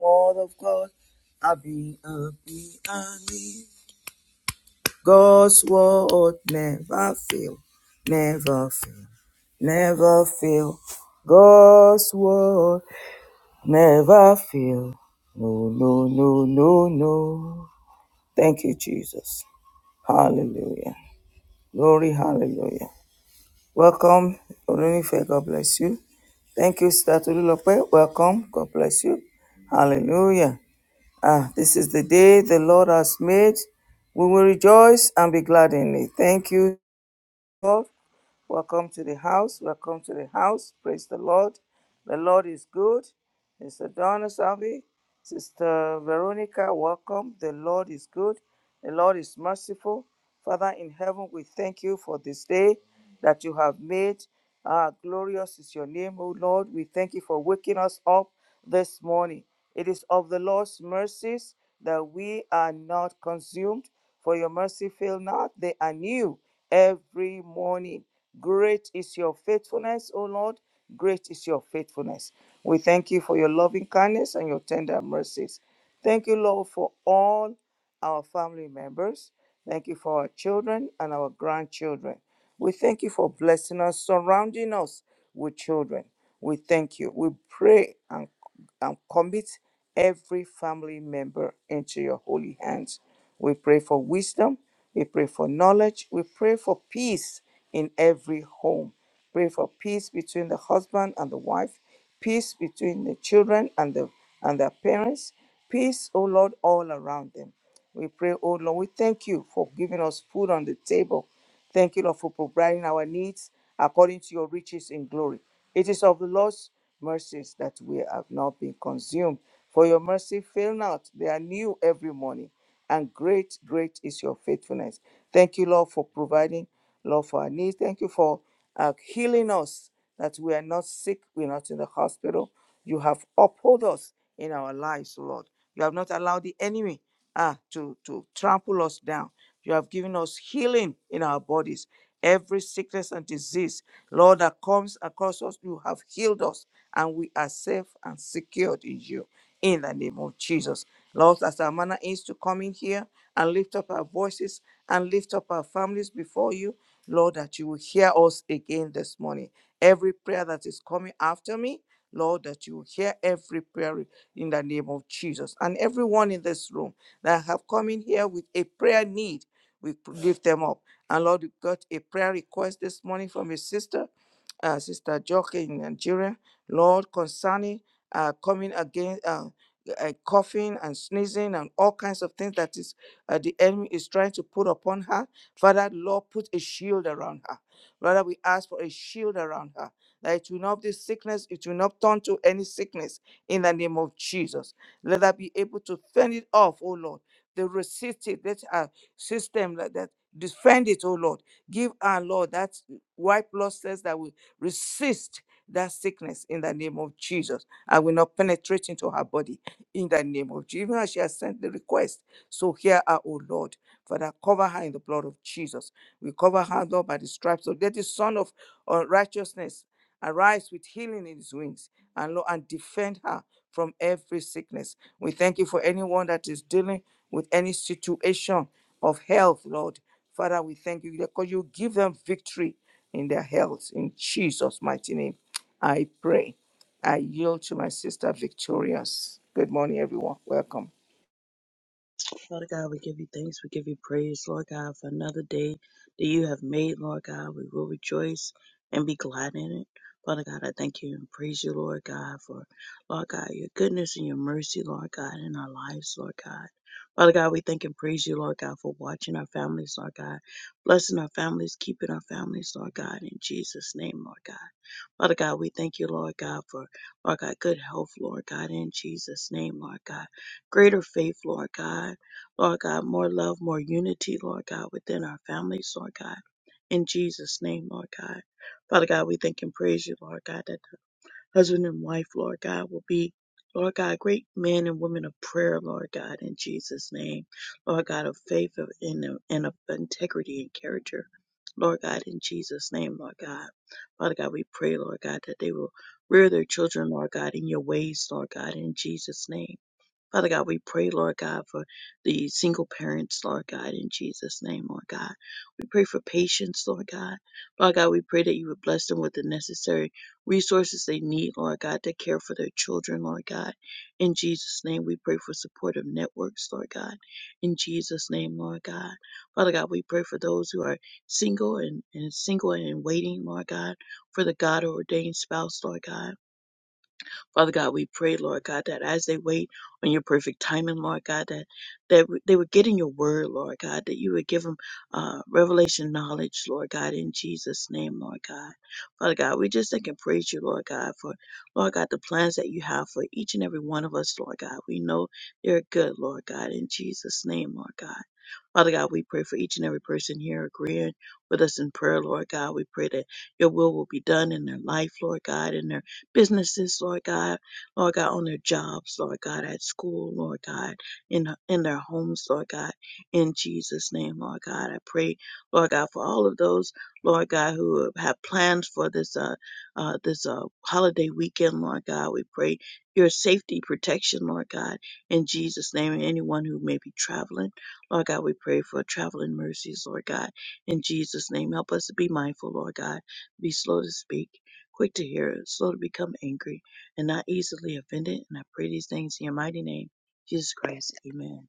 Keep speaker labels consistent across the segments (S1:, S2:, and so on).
S1: word of God. I be a be a me. God's word never fail, never fail, never fail. God's word never fail. No, no, no, no, no. Thank you, Jesus. Hallelujah. Glory, hallelujah. Welcome, Orunife. God bless you. Thank you, Sister Tolulope. Welcome. God bless you. Hallelujah. Ah, this is the day the Lord has made. We will rejoice and be glad in it. Thank you, Lord. Welcome to the house. Welcome to the house. Praise the Lord. The Lord is good. Mr. Donna Salvi, Sister Veronica, welcome. The Lord is good. The Lord is merciful. Father in heaven, we thank you for this day that you have made. Ah, glorious is your name, O Lord. We thank you for waking us up this morning. It is of the Lord's mercies that we are not consumed, for your mercy fail not. They are new every morning. Great is your faithfulness, O Lord. Great is your faithfulness. We thank you for your loving kindness and your tender mercies. Thank you, Lord, for all our family members. Thank you for our children and our grandchildren. We thank you for blessing us, surrounding us with children. We thank you. We pray and, and commit every family member into your holy hands. We pray for wisdom. We pray for knowledge. We pray for peace in every home. Pray for peace between the husband and the wife, peace between the children and the and their parents, peace, O Lord, all around them. We pray, oh Lord, we thank you for giving us food on the table. Thank you, Lord, for providing our needs according to your riches in glory. It is of the Lord's mercies that we have not been consumed. For your mercy fail not, they are new every morning. And great, great is your faithfulness. Thank you, Lord, for providing Lord, for our needs. Thank you for uh, healing us, that we are not sick, we're not in the hospital. You have upheld us in our lives, Lord. You have not allowed the enemy ah, to, to trample us down. You have given us healing in our bodies. Every sickness and disease, Lord, that comes across us, you have healed us, and we are safe and secured in you. In the name of Jesus. Lord, as our manner is to come in here and lift up our voices and lift up our families before you, Lord, that you will hear us again this morning. Every prayer that is coming after me, Lord, that you will hear every prayer in the name of Jesus. And everyone in this room that have come in here with a prayer need, we p- lift them up. And Lord, we got a prayer request this morning from a sister, uh, Sister Joke in Nigeria. Lord, concerning uh, coming against uh, uh, coughing and sneezing and all kinds of things that is uh, the enemy is trying to put upon her. Father, Lord, put a shield around her. Father, we ask for a shield around her. That it will not be sickness, it will not turn to any sickness in the name of Jesus. Let her be able to fend it off, oh Lord. The resisted, let her system like that defend it, oh Lord. Give our Lord that white blood cells that will resist that sickness in the name of Jesus. I will not penetrate into her body in the name of Jesus. Even as she has sent the request, so hear her, oh Lord. Father, cover her in the blood of Jesus. We cover her, Lord, by the stripes of that is son of uh, righteousness. Arise with healing in his wings and Lord, and defend her from every sickness. We thank you for anyone that is dealing with any situation of health, Lord. Father, we thank you because you give them victory in their health. In Jesus' mighty name, I pray. I yield to my sister Victorious. Good morning, everyone. Welcome.
S2: Father God, we give you thanks. We give you praise, Lord God, for another day that you have made, Lord God. We will rejoice and be glad in it. Father God, I thank you and praise you, Lord God, for, Lord God, your goodness and your mercy, Lord God, in our lives, Lord God. Father God, we thank and praise you, Lord God, for watching our families, Lord God, blessing our families, keeping our families, Lord God, in Jesus' name, Lord God. Father God, we thank you, Lord God, for, Lord God, good health, Lord God, in Jesus' name, Lord God greater faith, Lord God. Lord God, more love, more unity, Lord God, within our families, Lord God. In Jesus' name, Lord God. Father God, we thank and praise you, Lord God, that the husband and wife, Lord God, will be, Lord God, great men and women of prayer, Lord God, in Jesus' name. Lord God, of faith of- and of, and of integrity and character. Lord God, in Jesus' name, Lord God. Father God, we pray, Lord God, that they will rear their children, Lord God, in your ways, Lord God, in Jesus' name. Father God, we pray, Lord God, for the single parents, Lord God, in Jesus' name, Lord God. We pray for patience, Lord God. Lord God, we pray that you would bless them with the necessary resources they need, Lord God, to care for their children, Lord God. In Jesus' name, we pray for supportive networks, Lord God. In Jesus' name, Lord God. Father God, we pray for those who are single and, and single and in waiting, Lord God, for the God ordained spouse, Lord God. Father God, we pray, Lord God, that as they wait on your perfect timing, Lord God, that, that they would get in your word, Lord God, that you would give them uh, revelation knowledge, Lord God, in Jesus' name, Lord God. Father God, we just thank and praise you, Lord God, for, Lord God, the plans that you have for each and every one of us, Lord God. We know they're good, Lord God, in Jesus' name, Lord God. Father God, we pray for each and every person here agreeing with us in prayer, Lord God. We pray that your will will be done in their life, Lord God, in their businesses, Lord God, Lord God, on their jobs, Lord God, at school, Lord God, in, in their homes, Lord God, in Jesus' name, Lord God. I pray, Lord God, for all of those, Lord God, who have plans for this, uh, uh, this, uh, holiday weekend, Lord God. We pray your safety protection, Lord God, in Jesus' name, and anyone who may be traveling. Lord God, we pray for traveling mercies, Lord God. In Jesus' name, help us to be mindful, Lord God. Be slow to speak, quick to hear, slow to become angry, and not easily offended. And I pray these things in your mighty name, Jesus Christ. Amen.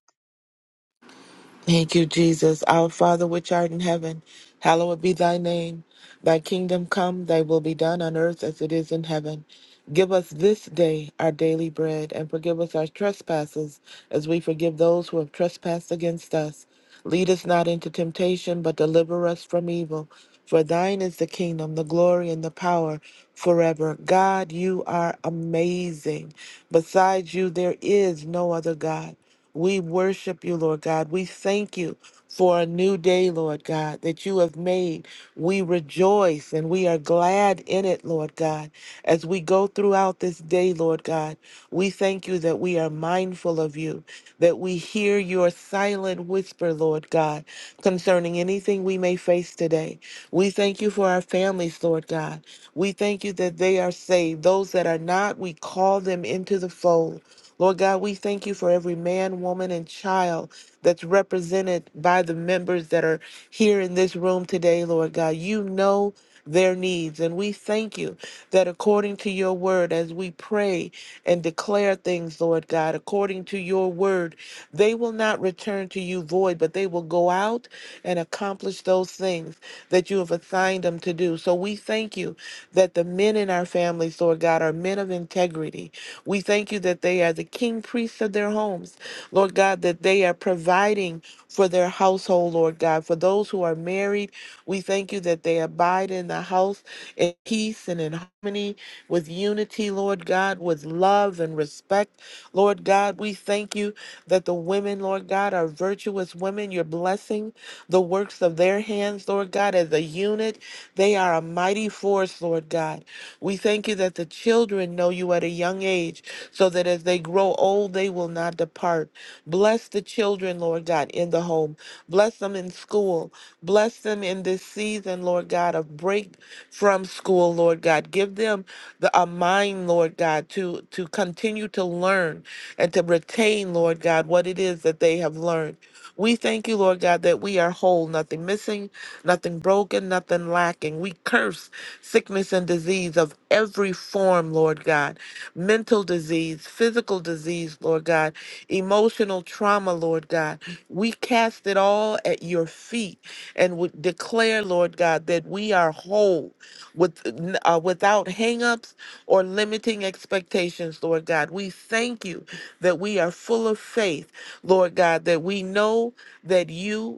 S3: Thank you, Jesus. Our Father, which art in heaven, hallowed be thy name. Thy kingdom come, thy will be done on earth as it is in heaven. Give us this day our daily bread, and forgive us our trespasses, as we forgive those who have trespassed against us. Lead us not into temptation, but deliver us from evil. For thine is the kingdom, the glory, and the power forever. God, you are amazing. Besides you, there is no other God. We worship you, Lord God. We thank you for a new day, Lord God, that you have made. We rejoice and we are glad in it, Lord God. As we go throughout this day, Lord God, we thank you that we are mindful of you, that we hear your silent whisper, Lord God, concerning anything we may face today. We thank you for our families, Lord God. We thank you that they are saved. Those that are not, we call them into the fold. Lord God, we thank you for every man, woman, and child that's represented by the members that are here in this room today, Lord God. You know their needs. And we thank you that according to your word, as we pray and declare things, Lord God, according to your word, they will not return to you void, but they will go out and accomplish those things that you have assigned them to do. So we thank you that the men in our families, Lord God, are men of integrity. We thank you that they are the king priests of their homes. Lord God, that they are providing for their household, Lord God. For those who are married, we thank you that they abide in the house in peace and in harmony with unity, Lord God, with love and respect. Lord God, we thank you that the women, Lord God, are virtuous women. You're blessing the works of their hands, Lord God, as a unit. They are a mighty force, Lord God. We thank you that the children know you at a young age so that as they grow old, they will not depart. Bless the children, Lord God, in the home. Bless them in school. Bless them in this season, Lord God, of break from school, Lord God. Give them the, a mind, Lord God, to, to continue to learn and to retain, Lord God, what it is that they have learned. We thank you, Lord God, that we are whole, nothing missing, nothing broken, nothing lacking. We curse sickness and disease of every form, Lord God, mental disease, physical disease, Lord God, emotional trauma, Lord God. We cast it all at your feet and would declare, Lord God, that we are whole with, uh, without hangups or limiting expectations, Lord God. We thank you that we are full of faith, Lord God, that we know that you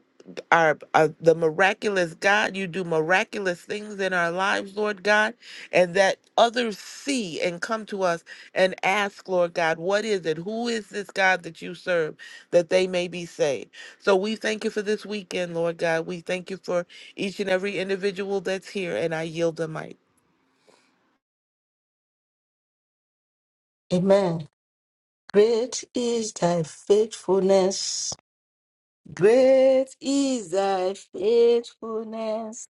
S3: our uh, the miraculous God. You do miraculous things in our lives, Lord God, and that others see and come to us and ask, Lord God, what is it? Who is this God that you serve that they may be saved? So we thank you for this weekend, Lord God. We thank you for each and every individual that's here, and I yield the mic.
S4: Amen. Great is thy faithfulness. Great is thy faithfulness.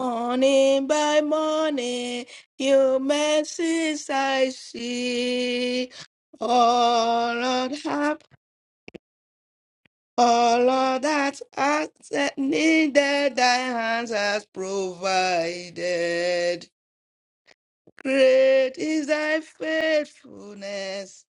S4: Morning by morning, your mercies I see. Oh Lord, help. Oh Lord, that art that needed, thy hands has provided. Great is thy faithfulness.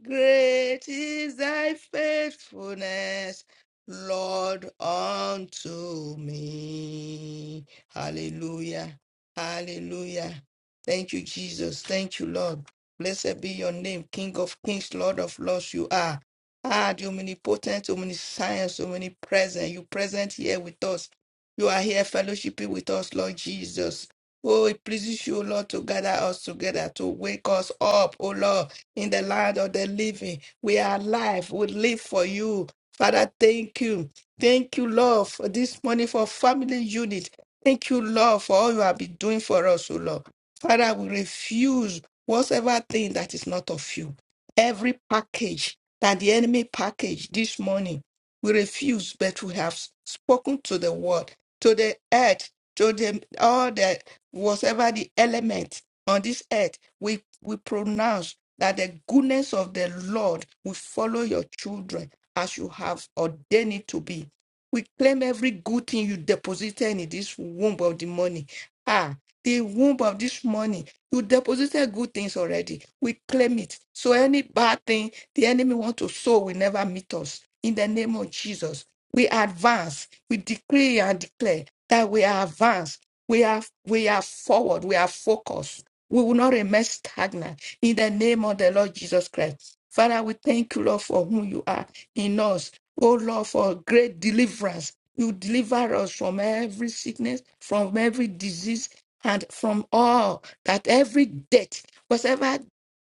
S4: Great is thy faithfulness, Lord, unto me. Hallelujah. Hallelujah. Thank you, Jesus. Thank you, Lord. Blessed be your name, King of kings, Lord of lords, you are. Ah, the omnipotent, omniscience, omnipresent. You present here with us. You are here fellowshipping with us, Lord Jesus. Oh, it pleases you, Lord, to gather us together, to wake us up, oh Lord in the land of the living. We are alive. We live for you. Father, thank you. Thank you, Lord, for this morning for family unit. Thank you, Lord, for all you have been doing for us, O Lord. Father, we refuse whatsoever thing that is not of you. Every package that the enemy packaged this morning, we refuse, but we have spoken to the world, to the earth, to the all the whatever the element on this earth, we we pronounce that the goodness of the Lord will follow your children as you have ordained it to be. We claim every good thing you deposited in this womb of the money. Ah, the womb of this money. You deposited good things already. We claim it. So any bad thing the enemy want to sow will never meet us. In the name of Jesus, we advance. We decree and declare that we are advanced. We are we are forward. We are focused. We will not remain stagnant in the name of the Lord Jesus Christ. Father, we thank you, Lord, for whom you are in us. Oh, Lord, for great deliverance. You deliver us from every sickness, from every disease, and from all that every debt, whatever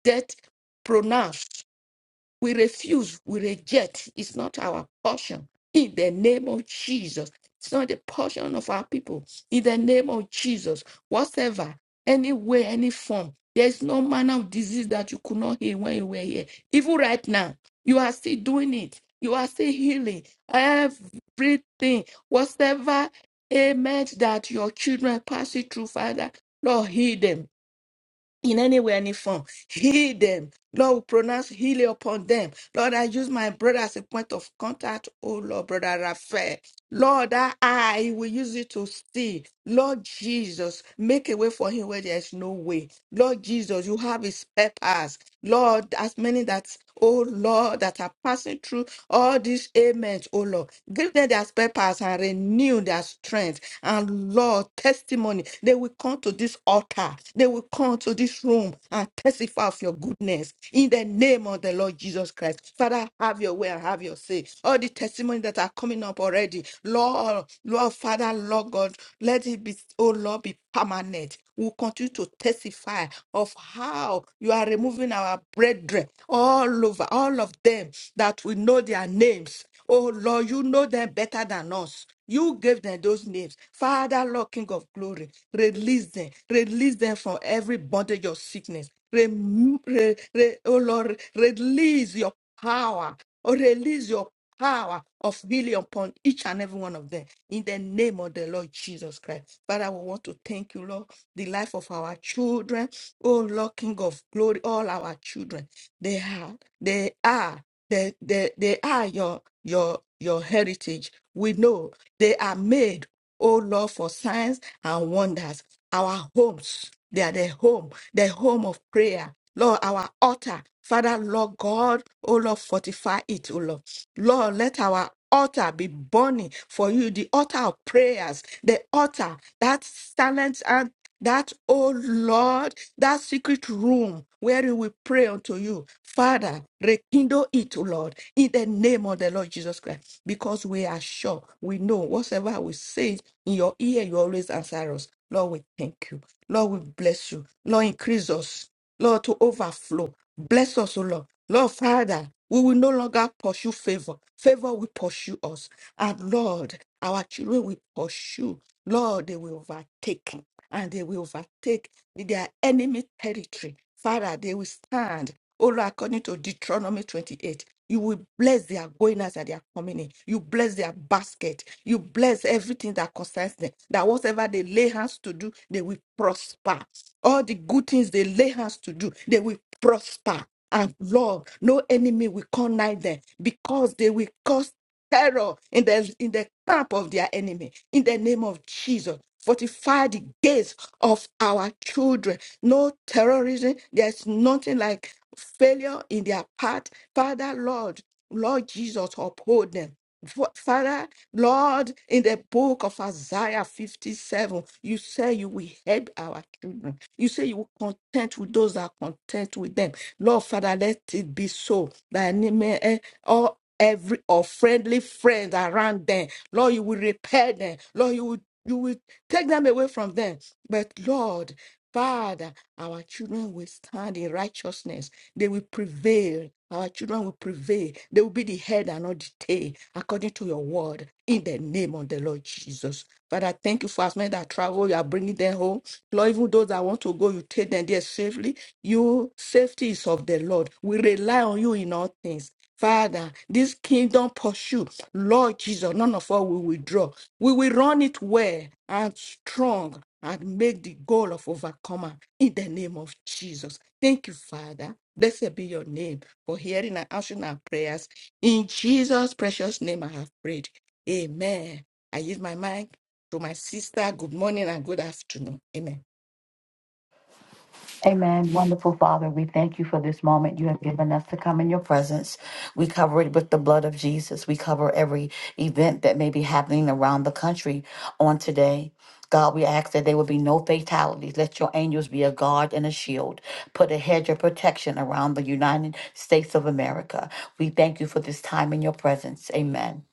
S4: debt pronounced we refuse, we reject. It's not our portion. In the name of Jesus. It's not the portion of our people. In the name of Jesus. Whatever, any way, any form. There's no manner of disease that you could not heal when you were here. Even right now, you are still doing it. You are still healing everything. Whatever ailment that your children pass it through, Father, Lord, heal them in any way, any form. Heal them. Lord, we pronounce healing upon them. Lord, I use my brother as a point of contact. Oh, Lord, brother Raphael. Lord, that I will use it to see. Lord Jesus, make a way for him where there is no way. Lord Jesus, you have a spare pass. Lord, as many that, oh Lord, that are passing through all these ailments, oh Lord, give them their spare pass and renew their strength. And Lord, testimony, they will come to this altar, they will come to this room and testify of your goodness in the name of the Lord Jesus Christ. Father, have your way and have your say. All the testimonies that are coming up already, Lord, Lord, Father, Lord God, let it be, oh Lord, be permanent. We'll continue to testify of how you are removing our brethren all over, all of them that we know their names. Oh Lord, you know them better than us. You gave them those names. Father, Lord, King of glory, release them. Release them from every bondage of sickness. Remo- re- re- oh Lord, release your power. Oh, release your power of healing upon each and every one of them in the name of the Lord Jesus Christ. Father, we want to thank you, Lord, the life of our children. Oh, Lord, King of glory, all our children. They are, they are, they, they, they are your, your, your heritage. We know they are made, oh Lord, for signs and wonders. Our homes, they are the home, the home of prayer. Lord, our altar. Father, Lord God, oh Lord, fortify it, oh Lord. Lord, let our altar be burning for you, the altar of prayers, the altar that silence and that, oh Lord, that secret room where we will pray unto you. Father, rekindle it, O Lord, in the name of the Lord Jesus Christ, because we are sure, we know, whatsoever we say in your ear, you always answer us. Lord, we thank you. Lord, we bless you. Lord, increase us. Lord, to overflow. Bless us, O Lord. Lord, Father, we will no longer pursue favor. Favor will pursue us. And Lord, our children will pursue. Lord, they will overtake. And they will overtake their enemy territory. Father, they will stand. O Lord, according to Deuteronomy 28. You will bless their going out and their coming in. You bless their basket. You bless everything that concerns them. That whatever they lay hands to do, they will prosper. All the good things they lay hands to do, they will prosper. And Lord, no enemy will come nigh them because they will cause terror in the in the camp of their enemy. In the name of Jesus, fortify the gates of our children. No terrorism. There's nothing like failure in their path. Father, Lord, Lord Jesus, uphold them. Fa- Father, Lord, in the book of Isaiah 57, you say you will help our children. You say you will content with those that are content with them. Lord, Father, let it be so that any man, eh, all every or friendly friend around them, Lord, you will repair them. Lord, you will you will take them away from them. But Lord, Father, our children will stand in righteousness they will prevail. Our children will prevail. They will be the head and not the tail, according to your word, in the name of the Lord Jesus. Father, thank you for as many that travel. You are bringing them home. Lord, even those that want to go, you take them there safely. You safety is of the Lord. We rely on you in all things. Father, this kingdom pursue. Lord Jesus, none of us will withdraw. We will run it well and strong and make the goal of overcomer in the name of Jesus. Thank you, Father. Blessed be your name for hearing and answering our prayers. In Jesus' precious name, I have prayed. Amen. I use my mic to my sister. Good morning and good afternoon. Amen.
S5: Amen. Wonderful Father, we thank you for this moment you have given us to come in your presence. We cover it with the blood of Jesus. We cover every event that may be happening around the country on today. God, we ask that there will be no fatalities. Let your angels be a guard and a shield. Put a hedge of protection around the United States of America. We thank you for this time in your presence. Amen.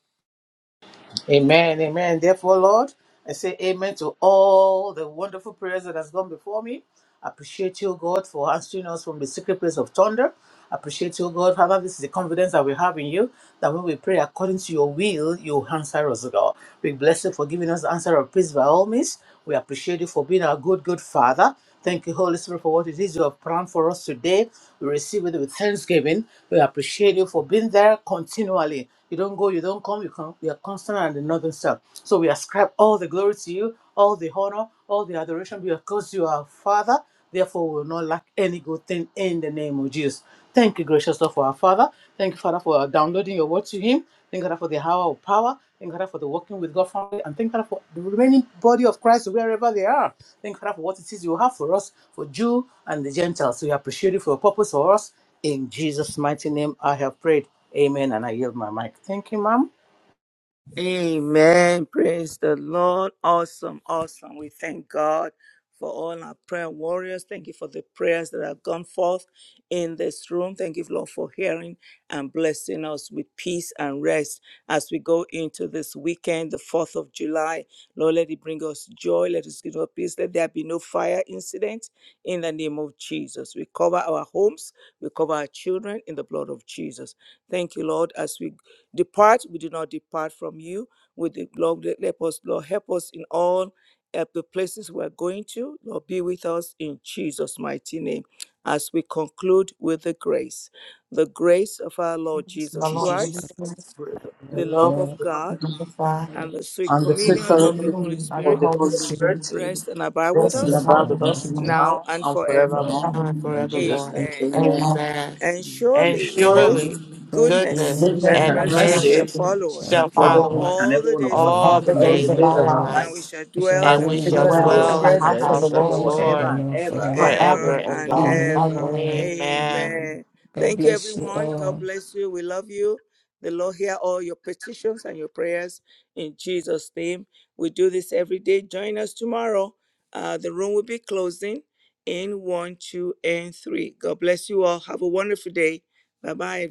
S6: Amen, amen. Therefore, Lord, I say amen to all the wonderful prayers that has gone before me. I appreciate you, God, for answering us from the secret place of thunder. I appreciate you, God. Father, this is the confidence that we have in you, that when we pray according to your will, you answer us, God. We bless you for giving us the answer of peace by all means. We appreciate you for being our good, good Father. Thank you, Holy Spirit, for what it is you have planned for us today. We receive it with thanksgiving. We appreciate you for being there continually. You don't go, you don't come, you come. You are constant and in nothing self. So we ascribe all the glory to you, all the honor, all the adoration, because you are Father. Therefore, we will not lack any good thing in the name of Jesus. Thank you, gracious Lord, for our Father. Thank you, Father, for downloading your word to Him. Thank God for the hour of power. Thank God for the working with God family. And thank God for the remaining body of Christ wherever they are. Thank God for what it is you have for us, for Jew and the Gentiles. So We appreciate it for your purpose for us. In Jesus' mighty name, I have prayed. Amen. And I yield my mic. Thank you, ma'am.
S1: Amen. Praise the Lord. Awesome. Awesome. We thank God for all our prayer warriors. Thank you for the prayers that have gone forth in this room. Thank you, Lord, for hearing and blessing us with peace and rest as we go into this weekend, the 4th of July. Lord, let it bring us joy. Let us give us peace. Let there be no fire incident in the name of Jesus. We cover our homes. We cover our children in the blood of Jesus. Thank you, Lord. As we depart, we do not depart from you. With the Lord, let help us, Lord, help us in all uh, the places we're going to. Lord, be with us in Jesus' mighty name. As we conclude with the grace, the grace of our Lord
S5: The
S1: Jesus
S5: Lord be
S4: Jesus
S1: Christ,
S5: with
S4: Christ,
S5: us.
S6: The
S1: the
S4: Lord
S1: love
S6: love
S1: of
S4: God,
S6: of God
S1: God,
S5: Number five,
S2: I
S4: and
S1: and the sweet
S6: and the
S5: in
S6: sweet
S1: communion
S5: the
S2: thank
S1: of the
S2: you
S6: fellowship
S1: Holy
S5: communion of the
S6: of
S1: Spirit
S6: the
S5: Holy
S6: Holy
S2: for the
S5: Spirit,
S2: Holy
S6: Spirit
S2: Spirit
S1: rest and abide with
S5: rest
S6: rest
S4: the
S5: in
S6: and
S1: us
S5: the
S2: that's
S4: Son
S6: abide
S4: of
S6: with
S5: Bible,
S2: empowered
S4: God,
S6: us
S4: Jesus
S2: us
S1: now
S6: now
S1: and
S6: and
S2: now
S4: Christ,
S1: forevermore.
S6: forevermore.
S2: and
S3: Ah,
S6: In
S5: Amen.
S2: forevermore.
S6: Jesus'
S3: forevermore.
S6: name.
S1: Amen.
S6: Amen.
S3: Amen.
S1: And
S2: Amen.
S6: And
S3: And
S1: surely
S6: surely,
S4: Israel,
S3: surely
S2: Surely,
S4: God's
S1: goodness
S3: goodness
S4: demons
S5: Goodness
S6: goodness
S2: goodness
S1: and
S4: and
S3: and
S6: and
S5: and
S1: mercy
S2: and
S4: mercy
S3: mercy
S1: shall
S6: mercy
S5: mercy
S2: mercy
S1: follow
S4: shall
S1: us
S6: shall
S2: shall follow
S3: shall
S2: us
S4: follow
S6: follow
S3: follow
S5: follow
S4: us.
S6: each
S5: us
S2: all
S6: and
S3: us
S1: all
S6: every
S1: the
S6: one of
S1: days
S6: us
S1: of
S4: all
S5: all
S3: all
S1: our
S4: the
S2: the
S3: the
S5: the
S2: days of
S6: all the
S5: days
S3: days
S2: our
S1: lives,
S5: of
S4: believer
S3: of
S6: days
S5: our
S6: of
S3: our
S2: life,
S6: our
S3: life
S4: follow.
S1: and
S5: lives.
S1: we
S6: lives
S1: shall
S4: We shall
S1: dwell
S3: and
S6: as
S1: in
S6: we
S2: and
S5: We
S4: dwell
S3: we
S1: the
S2: we
S4: in
S5: should
S4: the
S3: shall
S2: shall
S6: dwell
S1: house
S6: in
S1: of the
S5: dwell
S6: your
S2: dwell
S5: in
S4: house,
S3: dwell
S5: the
S1: Lord
S3: in
S2: in
S3: the
S5: house
S2: the
S5: of
S2: house
S4: in
S3: house
S5: the
S4: the
S6: presence
S2: of
S3: of
S2: the
S3: the
S4: presence
S2: Lord
S5: Lord
S4: of
S6: forever
S4: the
S3: Lord
S6: and
S4: Lord
S6: ever.
S4: forever.
S3: forever
S1: forever
S5: forever
S3: and
S1: and
S3: ever.
S5: and
S2: Mhm.
S5: ever.
S1: ever.
S4: Amen.
S3: Amen.
S1: Amen.
S4: God
S1: Thank you,
S4: bless you
S1: everyone. God
S4: all.
S1: bless you. We love you. The Lord hear all your petitions and your prayers in Jesus' name. We do this every day. Join us tomorrow. Uh, the room will be closing in one, two, and three. God bless you all. Have a wonderful day. Bye bye.